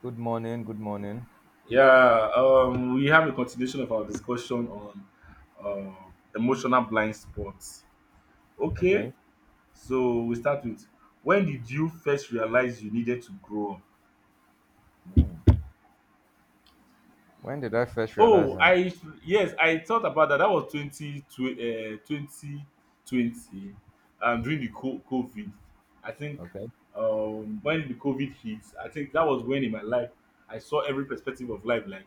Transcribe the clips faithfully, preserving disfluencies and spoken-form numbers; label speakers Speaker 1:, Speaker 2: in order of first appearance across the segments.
Speaker 1: Good morning. Good morning.
Speaker 2: Yeah, um, we have a continuation of our discussion on uh, emotional blind spots. Okay,
Speaker 1: Okay.
Speaker 2: so we start with, when did you first realize you needed to grow up?
Speaker 1: Hmm. When did I first realize
Speaker 2: Oh,
Speaker 1: I?
Speaker 2: I yes, I thought about that. That was twenty, tw- uh, twenty twenty, um, during the co- COVID. I think,
Speaker 1: Okay.
Speaker 2: um, when the COVID hit, I think that was when in my life I saw every perspective of life, like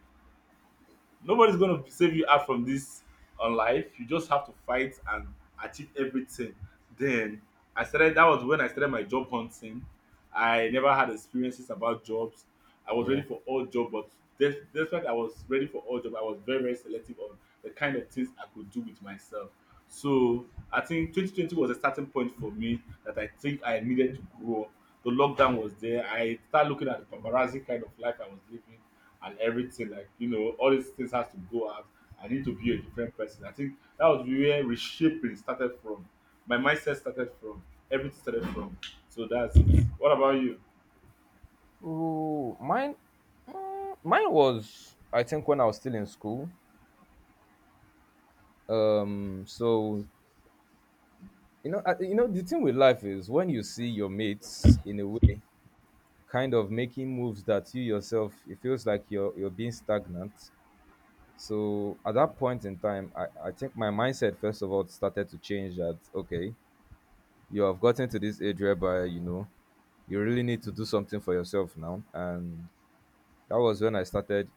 Speaker 2: nobody's gonna save you out from this on life. You just have to fight and achieve everything. Then I started. That was when I started my job hunting. I never had experiences about jobs. I was
Speaker 1: Yeah.
Speaker 2: ready for all job, but des- despite I was ready for all job, I was very very selective on the kind of things I could do with myself. So I think twenty twenty was a starting point for me that I think I needed to grow up. The lockdown was there. I started looking at the paparazzi kind of life I was living and everything, like, you know all these things has to go out. I need to be a different person. I think that was where reshaping started from, my mindset started from, everything started from. So that's it. What about you?
Speaker 1: Ooh, mine. Mine was. I think when I was still in school. Um. So you know, I, you know, the thing with life is when you see your mates in a way, kind of making moves that you yourself, it feels like you're you're being stagnant. So at that point in time, I, I think my mindset first of all started to change. That okay, you have gotten to this age whereby you know you really need to do something for yourself now, and that was when i started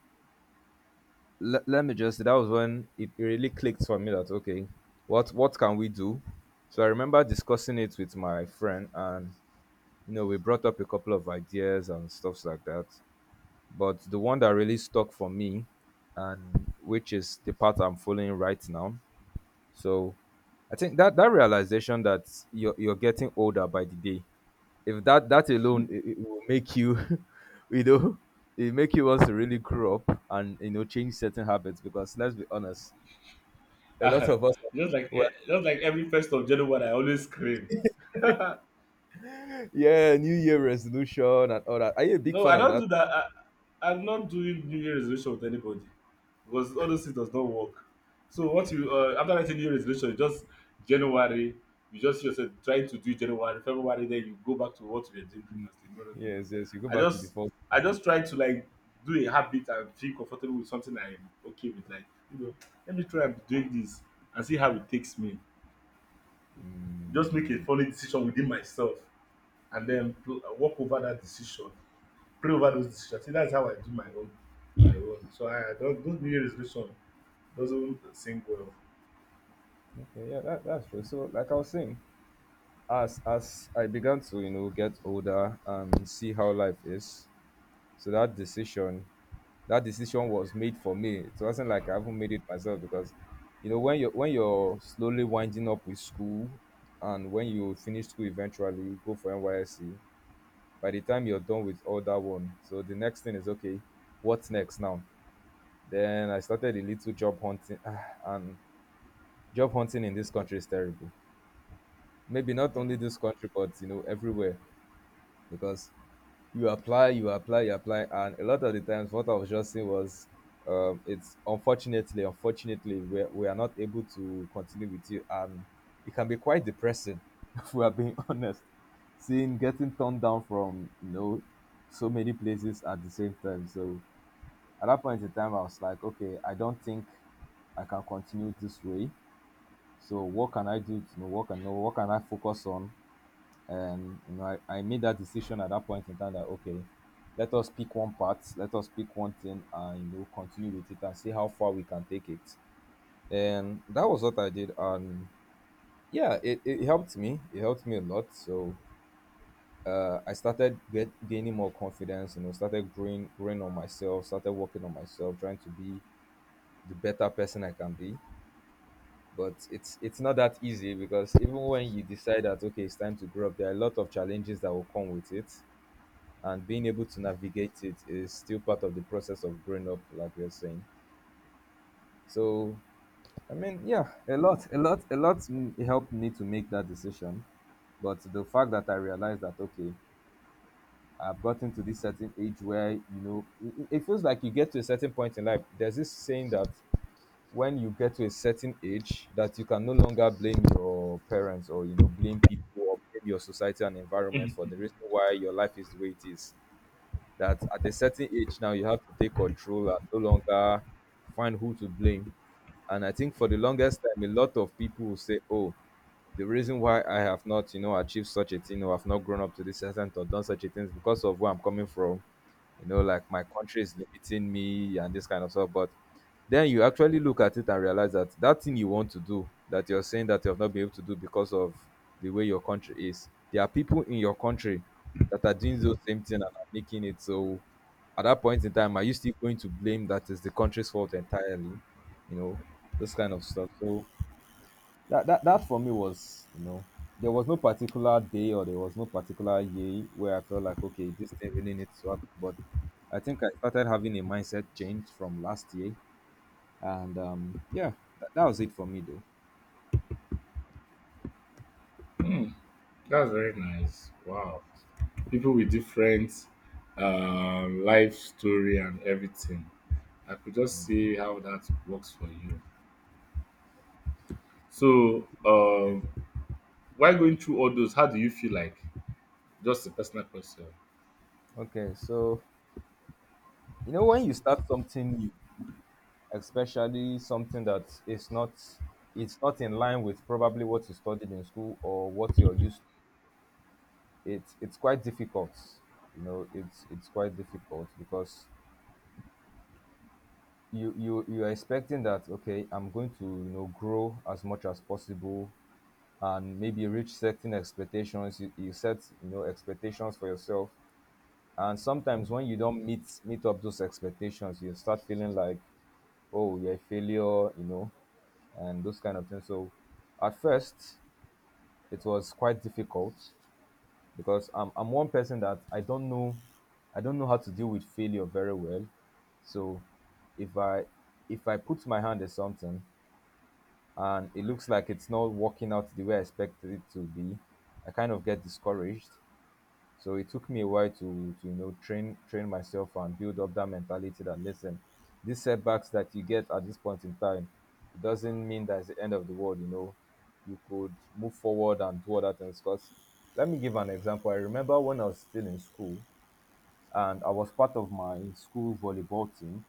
Speaker 1: le- let me just say that was when it really clicked for me. That okay, what what can we do? So I remember discussing it with my friend, and you know we brought up a couple of ideas and stuffs like that, but the one that really stuck for me, and which is the path I'm following right now. So I think that that realization that you're you're getting older by the day, if that that alone it, it will make you, you know, it make you want to really grow up and you know change certain habits, because let's be honest, a lot of us,
Speaker 2: just like
Speaker 1: well,
Speaker 2: eh, just like every first of January I always scream.
Speaker 1: yeah, New Year resolution and all that. Are you a big
Speaker 2: No,
Speaker 1: fan
Speaker 2: I
Speaker 1: of
Speaker 2: don't
Speaker 1: that?
Speaker 2: do that. I, I'm not doing New Year resolution with anybody because all those things does not work. So once you, uh, after writing New Year resolution, you just January, you just see yourself trying to do January, February, then you go back to what you were doing previously. No, no, no, no.
Speaker 1: Yes, yes. You go
Speaker 2: I
Speaker 1: back to the
Speaker 2: just
Speaker 1: first.
Speaker 2: I just try to, like, do a habit and feel comfortable with something I'm okay with. Like, you know, let me try and doing this and see how it takes me. Just make a funny decision within myself and then pl- walk over that decision, pray over those decisions. That's how I do my own. My own. So I I don't, those New Year resolution doesn't sing well.
Speaker 1: Okay, yeah, that, that's true. So, like I was saying, as as I began to you know get older and see how life is, so that decision, that decision was made for me. It wasn't like I haven't made it myself because, you know, when you're when you're slowly winding up with school, and when you finish school eventually, go for N Y S C. By the time you're done with all that one, so the next thing is okay. What's next now? Then I started a little job hunting, ah, and job hunting in this country is terrible. Maybe not only this country, but you know, everywhere, because you apply, you apply, you apply, and a lot of the times, what I was just saying was, um, it's unfortunately, unfortunately, we we are not able to continue with you, and it can be quite depressing if we are being honest. Seeing getting turned down from you know so many places at the same time. So at that point in time, I was like, okay, I don't think I can continue this way. So what can I do? You know, what can What can I focus on? And you know I, I made that decision at that point in time that okay, let us pick one part, let us pick one thing, and you know continue with it and see how far we can take it. And that was what I did. And yeah, it, it helped me, it helped me a lot. So uh, i started get, gaining more confidence, you know, started growing growing on myself, started working on myself, trying to be the better person I can be. But it's it's not that easy, because even when you decide that okay it's time to grow up, there are a lot of challenges that will come with it, and being able to navigate it is still part of the process of growing up like you're saying. So I mean, yeah, a lot a lot a lot m- helped me to make that decision. But the fact that I realized that okay, I've gotten to this certain age where you know it, it feels like you get to a certain point in life. There's this saying that when you get to a certain age, that you can no longer blame your parents or you know blame people or blame your society and environment for the reason why your life is the way it is. That at a certain age now you have to take control, and no longer find who to blame. And I think for the longest time, a lot of people will say, "Oh, the reason why I have not, you know, achieved such a thing or have not grown up to this extent or done such a thing is because of where I'm coming from. You know, like my country is limiting me and this kind of stuff." But then you actually look at it and realize that that thing you want to do, that you're saying that you have not been able to do because of the way your country is, there are people in your country that are doing those same thing and are making it. So at that point in time, are you still going to blame that is the country's fault entirely? You know, this kind of stuff. So that, that that for me was, you know, there was no particular day or there was no particular year where I felt like, okay, this thing really needs to happen. But I think I started having a mindset change from last year, and um, yeah, that, that was it for me though.
Speaker 2: Hmm, that's very nice. Wow. People with different, um, life story and everything. I could just see how that works for you. So, um, while going through all those, how do you feel like? Just a personal question.
Speaker 1: Okay, so you know when you start something new, especially something that is not, it's not in line with probably what you studied in school or what you're used to, it's it's quite difficult. You know, it's it's quite difficult because you you you are expecting that okay, I'm going to, you know, grow as much as possible and maybe reach certain expectations. You, you set, you know, expectations for yourself. And sometimes when you don't meet meet up those expectations, you start feeling like, oh, you're a failure, you know, and those kind of things. So at first it was quite difficult, because I'm I'm one person that I don't know, I don't know how to deal with failure very well. So if I, if I put my hand at something and it looks like it's not working out the way I expected it to be, I kind of get discouraged. So it took me a while to to you know train train myself and build up that mentality that listen, these setbacks that you get at this point in time, it doesn't mean that's the end of the world. You know, you could move forward and do other things. Because let me give an example. I remember when I was still in school and I was part of my school volleyball team.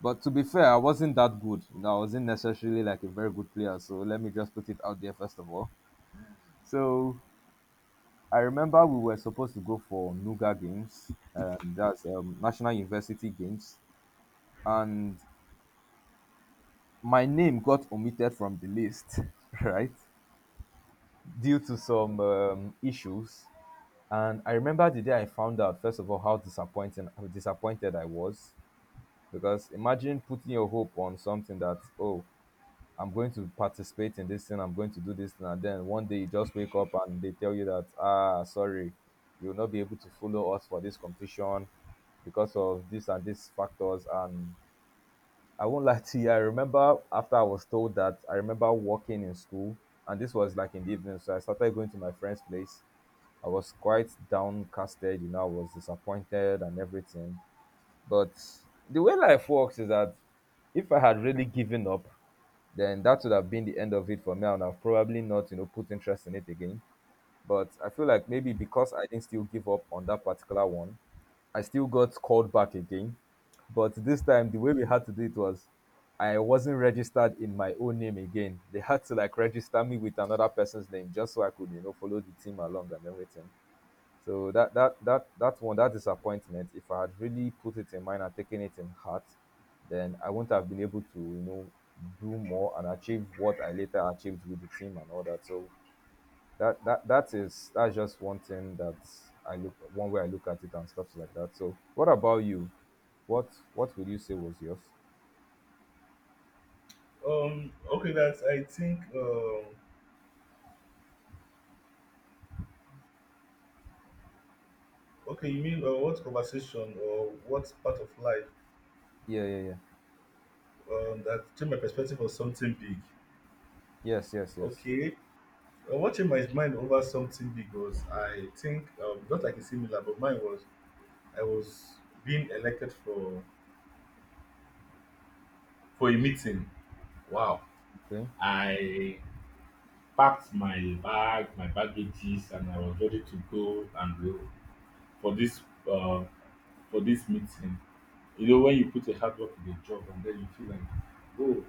Speaker 1: But to be fair, I wasn't that good. You know, I wasn't necessarily like a very good player. So let me just put it out there first of all. So I remember we were supposed to go for Nuga Games, um, that's um, National University Games, and my name got omitted from the list, right, due to some um, issues. And I remember the day I found out, first of all, how disappointing how disappointed I was. Because imagine putting your hope on something that, oh, I'm going to participate in this thing, I'm going to do this thing, and then one day you just wake up and they tell you that, ah, sorry, you will not be able to follow us for this competition because of this and these factors. And I won't lie to you, I remember after I was told that, I remember walking in school, and this was like in the evening, so I started going to my friend's place. I was quite downcasted, you know, I was disappointed and everything. But the way life works is that if I had really given up, then that would have been the end of it for me, and I've probably not, you know, put interest in it again. But I feel like maybe because I didn't still give up on that particular one, I still got called back again. But this time, the way we had to do it was I wasn't registered in my own name again. They had to like register me with another person's name just so I could, you know, follow the team along and everything. So that that that that one, that disappointment, if I had really put it in mind and taken it in heart, then I wouldn't have been able to, you know, do more and achieve what I later achieved with the team and all that. So that that that is, that's just one thing that I look one way I look at it and stuff like that. So what about you? What what would you say was yours?
Speaker 2: Um. Okay. That's. I think. Um. Okay. You mean, uh, what conversation or what part of life,
Speaker 1: Yeah, yeah, yeah.
Speaker 2: Um, that changed my perspective on something big.
Speaker 1: Yes, yes, yes.
Speaker 2: Okay. Uh, what changed my mind over something big was, I think, um, not like a similar, but mine was, I was being elected for for a meeting. Wow.
Speaker 1: Okay.
Speaker 2: I packed my bag, my baggages, and I was ready to go and go for this, uh, for this meeting. You know, when you put a hard work in a job and then you feel like, oh,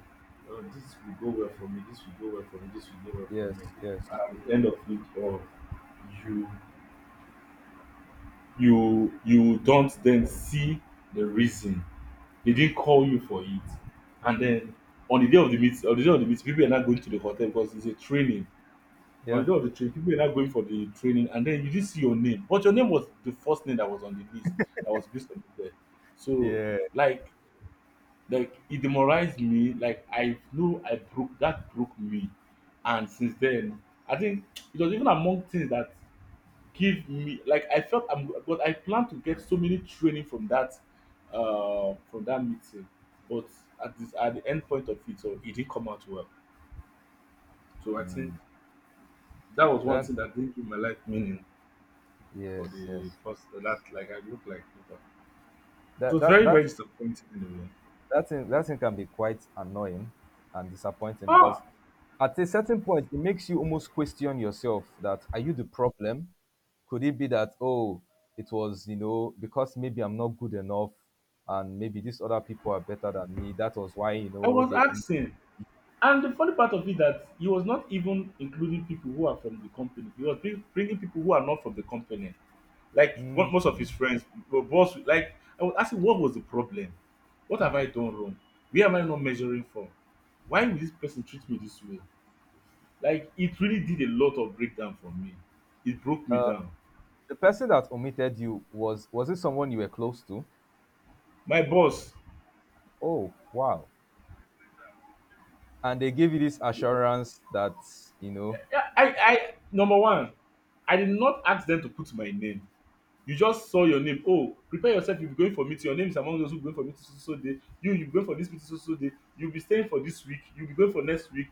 Speaker 2: uh, this will go well for me, this will go well for me, this will go well for me.
Speaker 1: Yes, yes.
Speaker 2: And at the end of it all, you you you don't then see the reason. They didn't call you for it. And then on the day of the meet, on the day of the meet, people are not going to the hotel because it's a training. On
Speaker 1: Yeah.
Speaker 2: the day of the training, people are not going for the training, and then you didn't see your name. But your name was the first name that was on the list, that was listed there. So,
Speaker 1: Yeah.
Speaker 2: like, Like it demoralized me. Like, I know, I broke that broke me, and since then, I think it was even among things that give me, like, I felt I'm, but I plan to get so many training from that uh from that meeting, but at this at the end point of it, so it didn't come out well. So I think
Speaker 1: Mm.
Speaker 2: that was one
Speaker 1: That
Speaker 2: thing that didn't give my life meaning, for
Speaker 1: yes,
Speaker 2: the
Speaker 1: yes.
Speaker 2: first, that, like, I look like. People. It
Speaker 1: That
Speaker 2: was
Speaker 1: that
Speaker 2: very
Speaker 1: that
Speaker 2: very disappointing in a way.
Speaker 1: that thing that thing can be quite annoying and disappointing, because
Speaker 2: Ah,
Speaker 1: at a certain point it makes you almost question yourself, that are you the problem? Could it be that, oh, it was you know because maybe I'm not good enough? And maybe these other people are better than me. That was why. You
Speaker 2: I
Speaker 1: know
Speaker 2: was
Speaker 1: they om-
Speaker 2: asking. And the funny part of it that he was not even including people who are from the company. He was bring, bringing people who are not from the company. Like
Speaker 1: mm.
Speaker 2: what, most of his friends, were boss, like, I was asking, what was the problem? What have I done wrong? Where am I not measuring from? Why will this person treat me this way? Like, it really did a lot of breakdown for me. It broke me down.
Speaker 1: The person that omitted you, was was it someone you were close to?
Speaker 2: My boss.
Speaker 1: Oh wow. And they gave you this assurance that, you know.
Speaker 2: I, I, I number one, I did not ask them to put my name. You just saw your name, oh, prepare yourself, you'll be going for meeting, your name is among those who going for meeting, so so so day, you you going for this meeting, so so day, you'll be staying for this week, you'll be going for next week.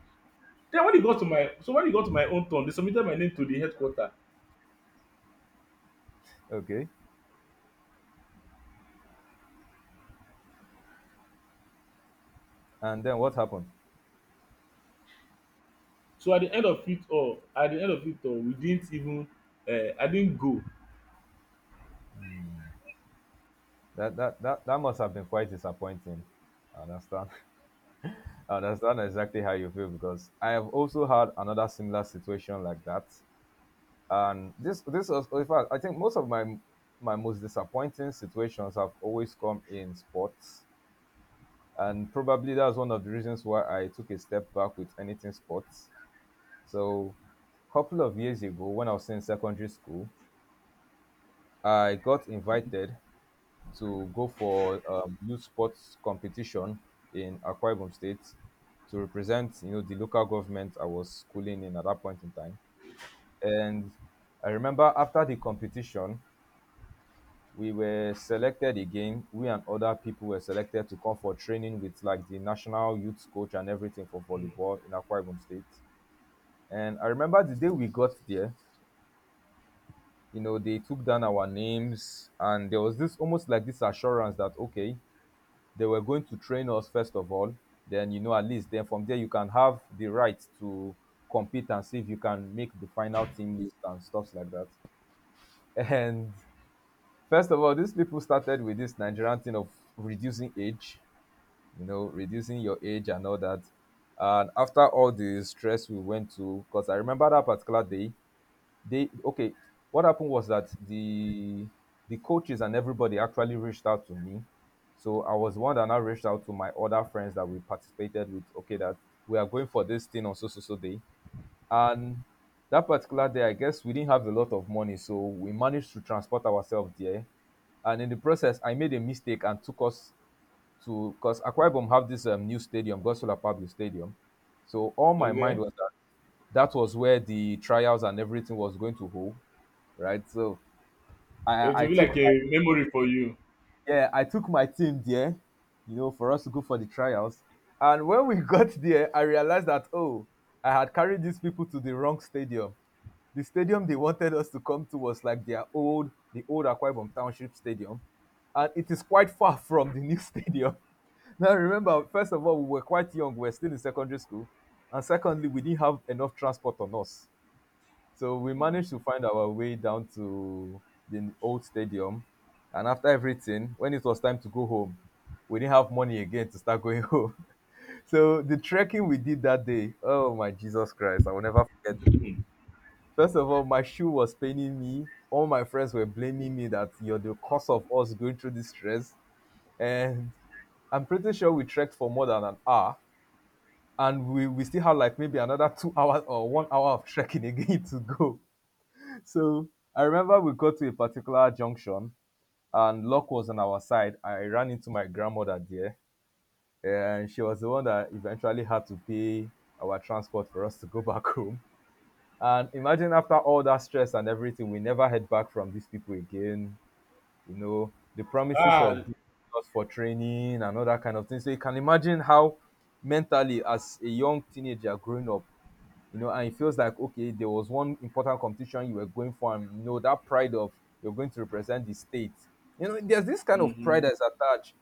Speaker 2: Then when e got to my so when e got to my own turn, they submitted my name to the headquarter.
Speaker 1: Okay, and then what happened?
Speaker 2: So at the end of it all, at the end of it all we didn't even, uh, I didn't go.
Speaker 1: That that that that must have been quite disappointing. I understand. I understand exactly how you feel, because I have also had another similar situation like that. And this this was, in fact, I think, most of my my most disappointing situations have always come in sports. And probably that's one of the reasons why I took a step back with anything sports. So, couple of years ago when I was in secondary school, I got invited to go for um, youth sports competition in Akwa Ibom State to represent, you know, the local government I was schooling in at that point in time. And I remember, after the competition, we were selected again. We and other people were selected to come for training with, like, the national youth coach and everything for volleyball in Akwa Ibom State. And I remember the day we got there, you know, they took down our names, and there was this almost like this assurance that, okay, they were going to train us first of all, then you know at least then from there you can have the right to compete and see if you can make the final team list and stuff like that. And first of all, these people started with this Nigerian thing of reducing age, you know reducing your age and all that. And after all the stress we went to, because I remember that particular day, they okay what happened was that the the coaches and everybody actually reached out to me. So I was one that now reached out to my other friends that we participated with, okay, that we are going for this thing on so so so day. And that particular day, I guess we didn't have a lot of money, so we managed to transport ourselves there. And in the process, I made a mistake and took us to, because Akwa Ibom have this um, new stadium, Gosola Public Stadium. So all my mind
Speaker 2: Okay,
Speaker 1: was that that was where the trials and everything was going to hold, right? So
Speaker 2: so it
Speaker 1: I I
Speaker 2: will be
Speaker 1: took
Speaker 2: like a
Speaker 1: my
Speaker 2: memory for you.
Speaker 1: yeah I took my team there, you know, for us to go for the trials. And when we got there, I realized that, oh, I had carried these people to the wrong stadium. The stadium they wanted us to come to was like their old the old Akwa Ibom Township Stadium, and it is quite far from the new stadium. Now remember, first of all, we were quite young. We were still in secondary school, and secondly, we didn't have enough transport on us. So we
Speaker 2: Mm.
Speaker 1: managed to find our way down to the old stadium. And after everything, when it was time to go home, we didn't have money again to start going home. So the trekking we did that day, oh my Jesus Christ, I will never forget it. First of all, my shoe was paining me. All my friends were blaming me that you're the cause of us going through this stress. And I'm pretty sure we trekked for more than an hour. And we, we still have like maybe another two hours or one hour of trekking again to go. So I remember we got to a particular junction, and luck was on our side. I ran into my grandmother there, and she was the one that eventually had to pay our transport for us to go back home. And imagine, after all that stress and everything, we never heard back from these people again. You know, the promises
Speaker 2: Ah.
Speaker 1: of bringing us for training and all that kind of thing. So you can imagine how, mentally as a young teenager growing up, you know, and it feels like, okay, there was one important competition you were going for, and you know that pride of you're going to represent the state. You know, there's this kind of pride
Speaker 2: Mm-hmm.
Speaker 1: that's attached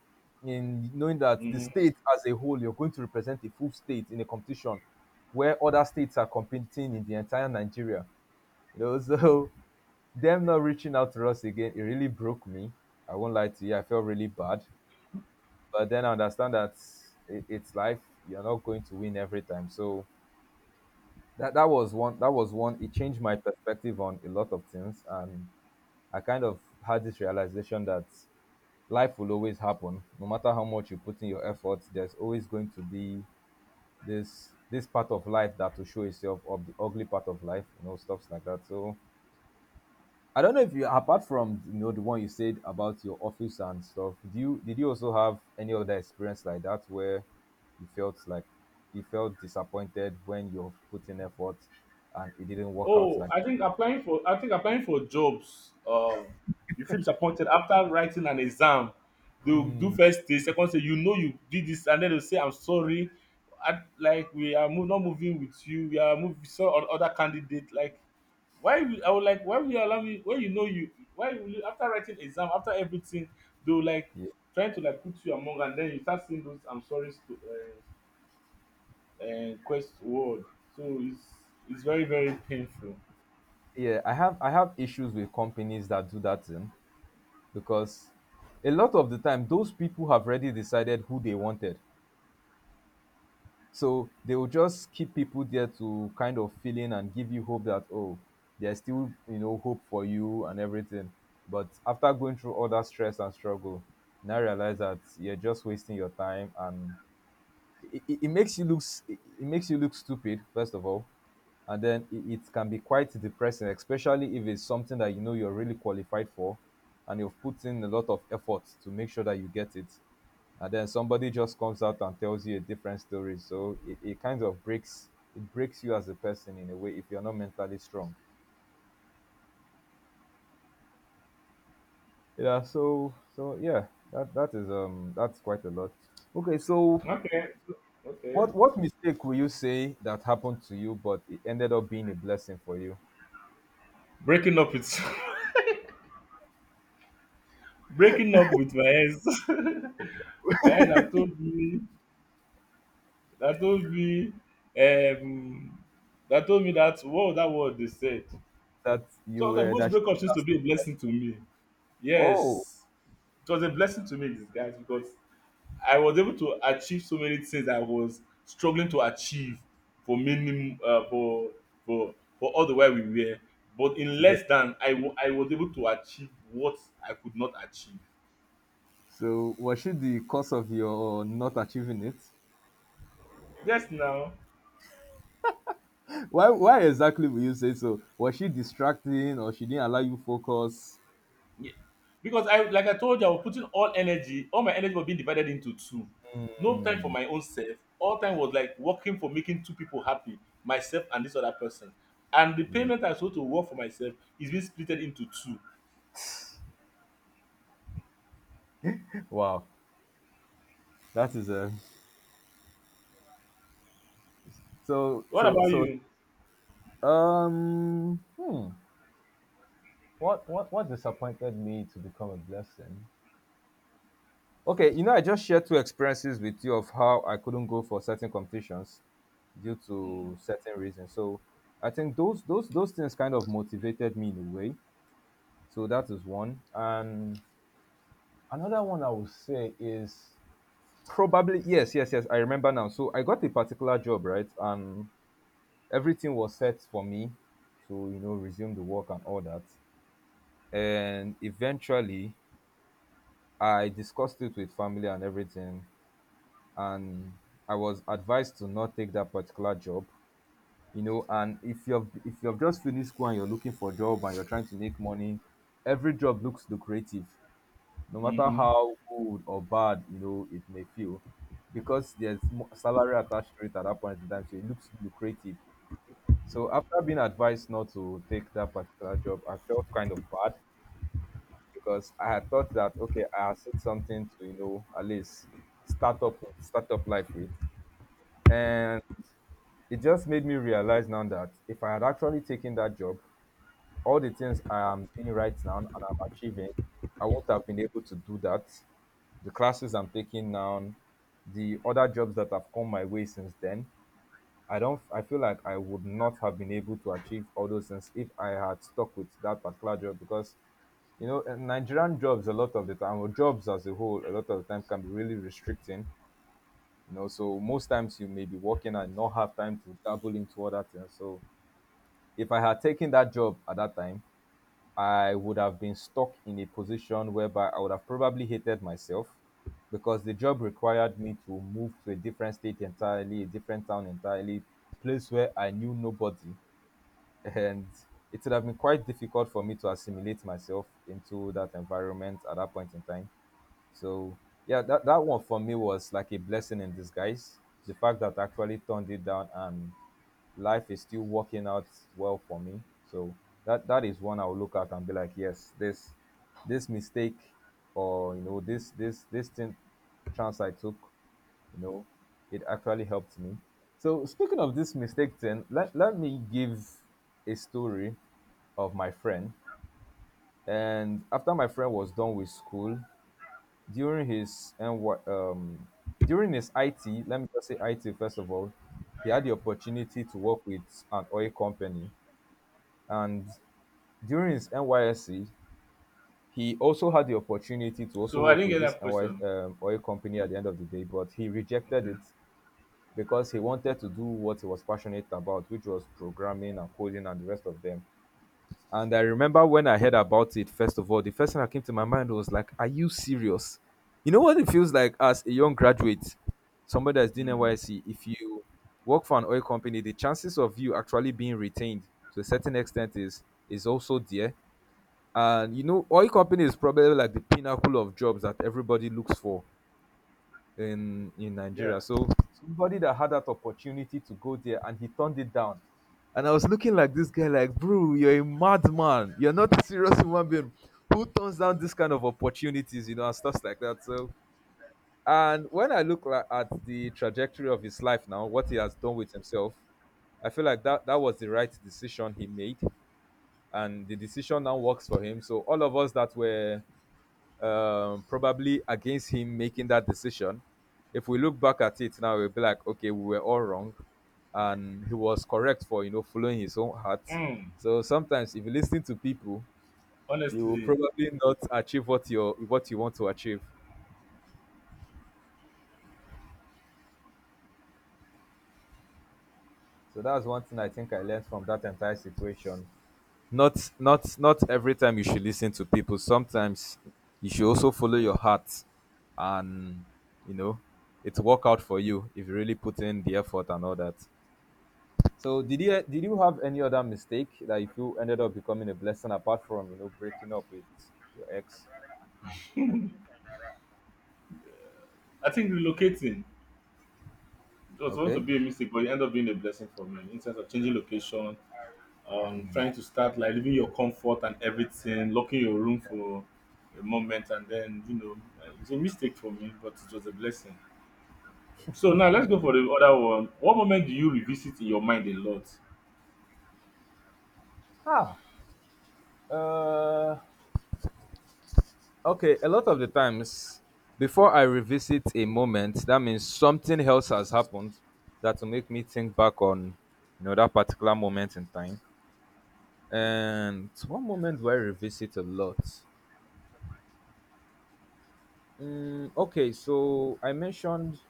Speaker 1: in knowing that the
Speaker 2: Mm-hmm.
Speaker 1: state as a whole, you're going to represent a full state in a competition where other states are competing in the entire Nigeria. You know, so them not reaching out to us again, it really broke me. I won't lie to you, I felt really bad. But then I understand that it, it's life. You're not going to win every time. So that that was one that was one. It changed my perspective on a lot of things, and I kind of had this realization that life will always happen, no matter how much you put in your efforts. There's always going to be this this part of life that will show itself, of the ugly part of life, you know stuffs like that. So I don't know if you, apart from you know the one you said about your office and stuff, do you did you also have any other experience like that where you felt like you felt disappointed when you've put in effort and it didn't work out,
Speaker 2: Oh,
Speaker 1: like...
Speaker 2: I think applying for, I think applying for jobs, um, you feel disappointed after writing an exam. They'll do
Speaker 1: Mm.
Speaker 2: first day, second day, you know you did this, and then they'll say, I'm sorry. I, like, we are mo- not moving with you, we are moving so on other candidate. Like, why will I, would like, why will you allow me when you know you, why will you, after writing exam, after everything, they'll, like,
Speaker 1: Ye-
Speaker 2: trying to, like, put you among, and then you start seeing those, I'm sorry, st- uh, uh, quest word. So it's it's very, very painful.
Speaker 1: Yeah, I have I have issues with companies that do that thing, because a lot of the time those people have already decided who they wanted. So they will just keep people there to kind of fill in and give you hope that, oh, there's still, you know, hope for you and everything. But after going through all that stress and struggle, now realize that you're just wasting your time, and it, it it makes you look it it makes you look stupid, first of all, and then it, it can be quite depressing, especially if it's something that you know you're really qualified for, and you've put in a lot of effort to make sure that you get it, and then somebody just comes out and tells you a different story. So it, it kind of breaks it breaks you as a person in a way, if you're not mentally strong. Yeah, so so yeah, that that is um that's quite a lot. Okay, so
Speaker 2: Okay. Okay.
Speaker 1: What what mistake will you say that happened to you, but it ended up being a blessing for you?
Speaker 2: Breaking up with breaking up with my ex. My ex that told me, that told me um that told me, that, what was that word they said.
Speaker 1: That you
Speaker 2: Sometimes
Speaker 1: were that
Speaker 2: most
Speaker 1: she
Speaker 2: breakups used to be
Speaker 1: understood
Speaker 2: a
Speaker 1: that,
Speaker 2: blessing to me.
Speaker 1: oh,
Speaker 2: Yes. It was a blessing to me in disguise because I was able to achieve so many things I was struggling to achieve for many, uh, for for for all the while we were. But in
Speaker 1: together.
Speaker 2: less than, I wa- I was able to achieve what I could not achieve.
Speaker 1: So was she the cause of your not achieving it?
Speaker 2: Yes, now.
Speaker 1: Why why exactly will you say so? Was she distracting, or she didn't allow you focus?
Speaker 2: Ye- Because I, like I told you, I was putting all energy, all my energy was being divided into two. No time for
Speaker 1: Hmm.
Speaker 2: my own self. All time was like working for making two people happy, myself and this other person. And the
Speaker 1: Yeah.
Speaker 2: payment I supposed to work for myself is being split into two.
Speaker 1: Wow, that is a so
Speaker 2: What
Speaker 1: so
Speaker 2: about
Speaker 1: so
Speaker 2: you?
Speaker 1: um Hmm. What what what disappointed me to become a blessing? Okay, you know, I just shared two experiences with you of how I couldn't go for certain competitions due to certain reasons. So I think those those those things kind of motivated me in a way. So that is one. And another one I would say is probably... yes, yes, yes, I remember now. So I got a particular job, right? And everything was set for me to, you know, resume the work and all that. And eventually I discussed it with family and everything. And I was advised to not take that particular job. You know, and if you've if you've just finished school and you're looking for a job and you're trying to make money, every job looks lucrative, no matter
Speaker 2: Mm-hmm.
Speaker 1: how good or bad you know it may feel, because there's mo- salary attached to it at that point in time, so it looks lucrative. So after being advised not to take that particular job, I felt kind of bad, because I had thought that, okay, I had said something to you know at least start up with start up life with, and it just made me realize now that if I had actually taken that job, all the things I am doing right now and I'm achieving, I wouldn't have been able to do that. The classes I'm taking now, the other jobs that have come my way since then, I don't I feel like I would not have been able to achieve all those things if I had stuck with that particular job, because you know in Nigerian jobs a lot of the time, or jobs as a whole, a lot of the time can be really restricting. You know, so most times you may be working and not have time to dabble into other things. So if I had taken that job at that time, I would have been stuck in a position whereby I would have probably hated myself, because the job required me to move to a different state entirely, a different town entirely, place where I knew nobody. And it would have been quite difficult for me to assimilate myself into that environment at that point in time. So yeah, that, that one for me was like a blessing in disguise. The fact that I actually turned it down and life is still working out well for me. So that that is one I'll look at and be like, yes, this this mistake or you know this this this thing chance I took, you know, it actually helped me. So speaking of this mistake then, let, let me give a story of my friend. And after my friend was done with school, during his N Y, um, during his I T, let me just say I T first of all, he had the opportunity to work with an oil company, and during his N Y S C, he also had the opportunity to also
Speaker 2: So I
Speaker 1: work
Speaker 2: didn't
Speaker 1: with
Speaker 2: get
Speaker 1: this
Speaker 2: that
Speaker 1: NY,
Speaker 2: question.
Speaker 1: um, oil company at the end of the day, but he rejected
Speaker 2: Okay.
Speaker 1: it because he wanted to do what he was passionate about, which was programming and coding and the rest of them. And I remember when I heard about it, first of all, the first thing that came to my mind was like, are you serious? You know what it feels like as a young graduate, somebody that's doing
Speaker 2: Mm.
Speaker 1: N Y C, if you work for an oil company, the chances of you actually being retained to a certain extent is is also there. And you know, oil company is probably like the pinnacle of jobs that everybody looks for in in
Speaker 2: Yeah.
Speaker 1: Nigeria. So somebody that had that opportunity to go there and he turned it down. And I was looking like this guy, like, bro, you're a madman. You're not a serious human being. Who turns down this kind of opportunities, you know, and stuff like that. So, and when I look like, at the trajectory of his life now, what he has done with himself, I feel like that that was the right decision he made, and the decision now works for him. So all of us that were um, probably against him making that decision. If we look back at it now, we'll be like, okay, we were all wrong, and he was correct for you know following his own heart.
Speaker 2: Mm.
Speaker 1: So sometimes, if you listen to people, you will
Speaker 2: Honestly,
Speaker 1: probably not achieve what you what you want to achieve. So that's one thing I think I learned from that entire situation. Not not not every time you should listen to people. Sometimes you should also follow your heart, and you know it will work out for you if you really put in the effort and all that. So did you did you have any other mistake that you feel ended up becoming a blessing apart from you know breaking up with your ex?
Speaker 2: I think relocating, it was supposed to
Speaker 1: Okay.
Speaker 2: be a mistake, but it ended up being a blessing for me in terms of changing location, um trying to start, like, leaving your comfort and everything, locking your room for a moment, and then, you know uh, it's a mistake for me, but it was a blessing. So now let's go for the other one. What moment do you revisit in your mind a lot?
Speaker 1: Ah. Uh. Okay. A lot of the times, before I revisit a moment, that means something else has happened that will make me think back on you know that particular moment in time. And one moment do I revisit a lot? Mm, okay, so I mentioned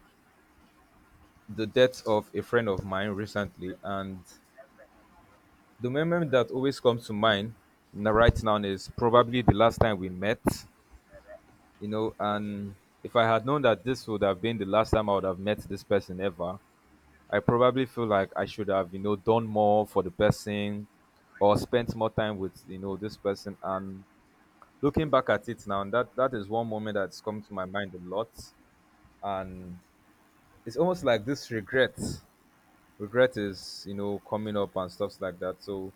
Speaker 1: the death of a friend of mine recently, and the moment that always comes to mind n- right now is probably the last time we met, you know, and if I had known that this would have been the last time I would have met this person ever, I probably feel like I should have, you know, done more for the person or spent more time with, you know, this person. And looking back at it now, that that is one moment that's come to my mind a lot. And it's almost like this regret. Regret is, you know, coming up and stuffs like that. So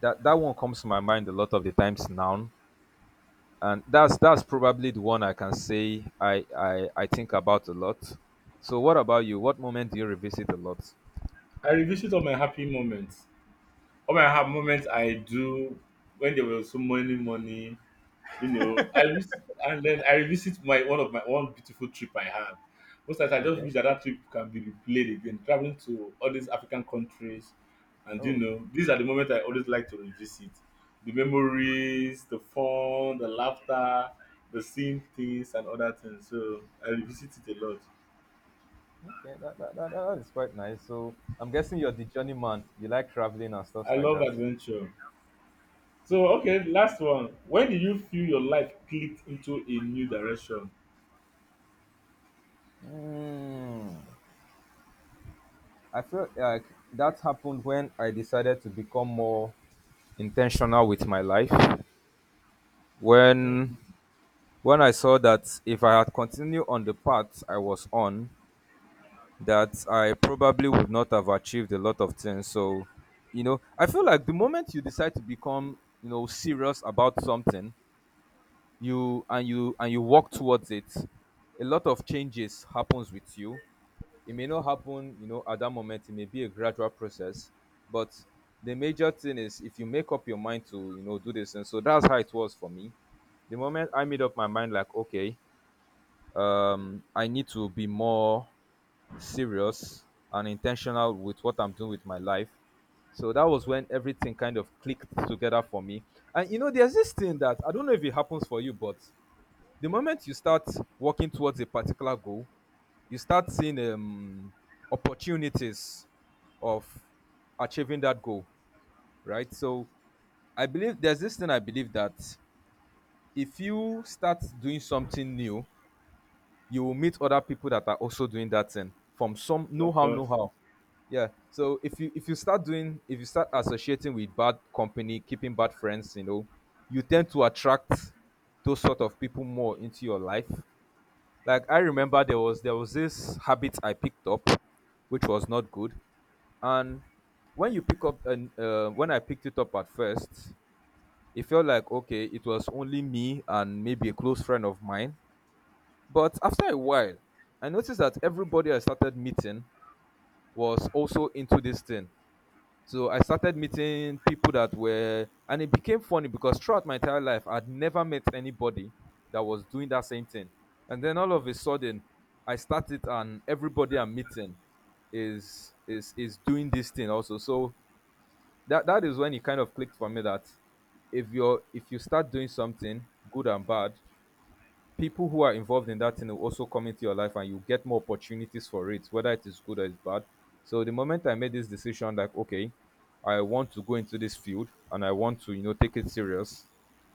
Speaker 1: that that one comes to my mind a lot of the times now and that's that's probably the one I can say i i, I think about a lot. So what about you, what moment do you revisit a lot?
Speaker 2: I revisit all my happy moments. All my happy moments I do, when there was so many money. You know, I vis- and then I revisit my one, of my one beautiful trip I had. Most times I just
Speaker 1: Okay.
Speaker 2: wish that that trip can be replayed again. Traveling to all these African countries, and, you
Speaker 1: Oh,
Speaker 2: know, these are the moments I always like to revisit. The memories, the fun, the laughter, the seeing things, and other things. So I revisit it a lot.
Speaker 1: okay, that, that, that, that is quite nice, so I'm guessing you're the journeyman, you like traveling and stuff
Speaker 2: I
Speaker 1: like
Speaker 2: love
Speaker 1: that.
Speaker 2: adventure. So, okay, last one. When did you feel your life clicked into a new direction?
Speaker 1: Mm. I feel like that happened when I decided to become more intentional with my life. When when I saw that if I had continued on the path I was on, that I probably would not have achieved a lot of things. So, you know, I feel like the moment you decide to become, you know, serious about something, you and you and you work towards it, a lot of changes happens with you. It may not happen, you know, at that moment. It may be a gradual process, but the major thing is if you make up your mind to, you know, do this. And so that's how it was for me. The moment I made up my mind, like, okay, um, I need to be more serious and intentional with what I'm doing with my life. So that was when everything kind of clicked together for me. And you know, there's this thing that I don't know if it happens for you, but the moment you start working towards a particular goal, you start seeing um, opportunities of achieving that goal, right? So I believe there's this thing I believe that if you start doing something new, you will meet other people that are also doing that thing from some know
Speaker 2: Of
Speaker 1: how know
Speaker 2: course.
Speaker 1: how. Yeah, so if you if you start doing if you start associating with bad company, keeping bad friends, you know, you tend to attract those sort of people more into your life. Like, I remember there was there was this habit I picked up which was not good, and when you pick up and uh, when I picked it up at first, it felt like okay, it was only me and maybe a close friend of mine, but after a while, I noticed that everybody I started meeting was also into this thing. So I started meeting people that were, and it became funny because throughout my entire life, I'd never met anybody that was doing that same thing. And then all of a sudden, I started, and everybody I'm meeting is is is doing this thing also. So that that is when it kind of clicked for me that if you're if you start doing something good and bad, people who are involved in that thing will also come into your life and you get more opportunities for it, whether it is good or it's bad. So the moment I made this decision, like, okay, I want to go into this field and I want to, you know, take it serious,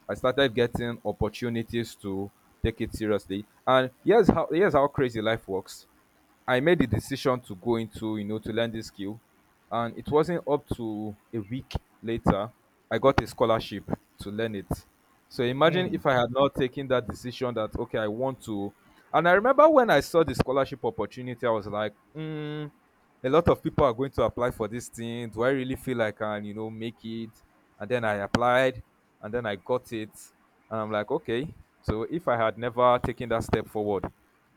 Speaker 1: I started getting opportunities to take it seriously. And here's how here's how crazy life works. I made the decision to go into, you know, to learn this skill. And it wasn't up to a week later, I got a scholarship to learn it. So imagine
Speaker 2: Hmm.
Speaker 1: if I had not taken that decision that, okay, I want to. And I remember when I saw the scholarship opportunity, I was like, hmm, a lot of people are going to apply for this thing. Do I really feel like I can, you know, make it? And then I applied and then I got it. And I'm like, okay. So if I had never taken that step forward,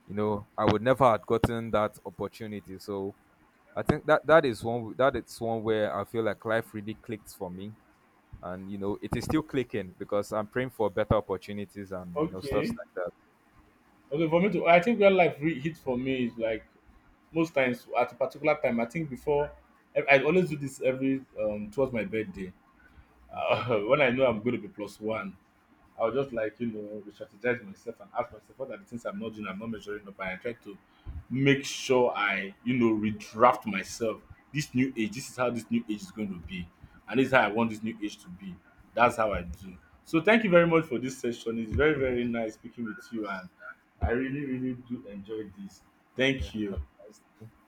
Speaker 1: you know, I would never have gotten that opportunity. So I think that that is one that is one where I feel like life really clicked for me. And you know, it is still clicking because I'm praying for better opportunities and you know stuffs
Speaker 2: Okay.
Speaker 1: like that.
Speaker 2: Okay, for me to I think where life really hit for me is, like, most times at a particular time. I think, before, I I always do this every, um towards my birthday.
Speaker 1: Okay.
Speaker 2: Uh, when I know I'm going to be plus one, I would just, like, you know, re-strategize myself and ask myself what are the things I'm not doing, I'm not measuring up. And I try to make sure I, you know, redraft myself. This new age, this is how this new age is going to be. And this is how I want this new age to be. That's how I do. So thank you very much for this session. It's very, very nice speaking with you.
Speaker 1: Because,
Speaker 2: And I really, really do enjoy this.
Speaker 1: yeah,
Speaker 2: Thank you.
Speaker 1: that's nice.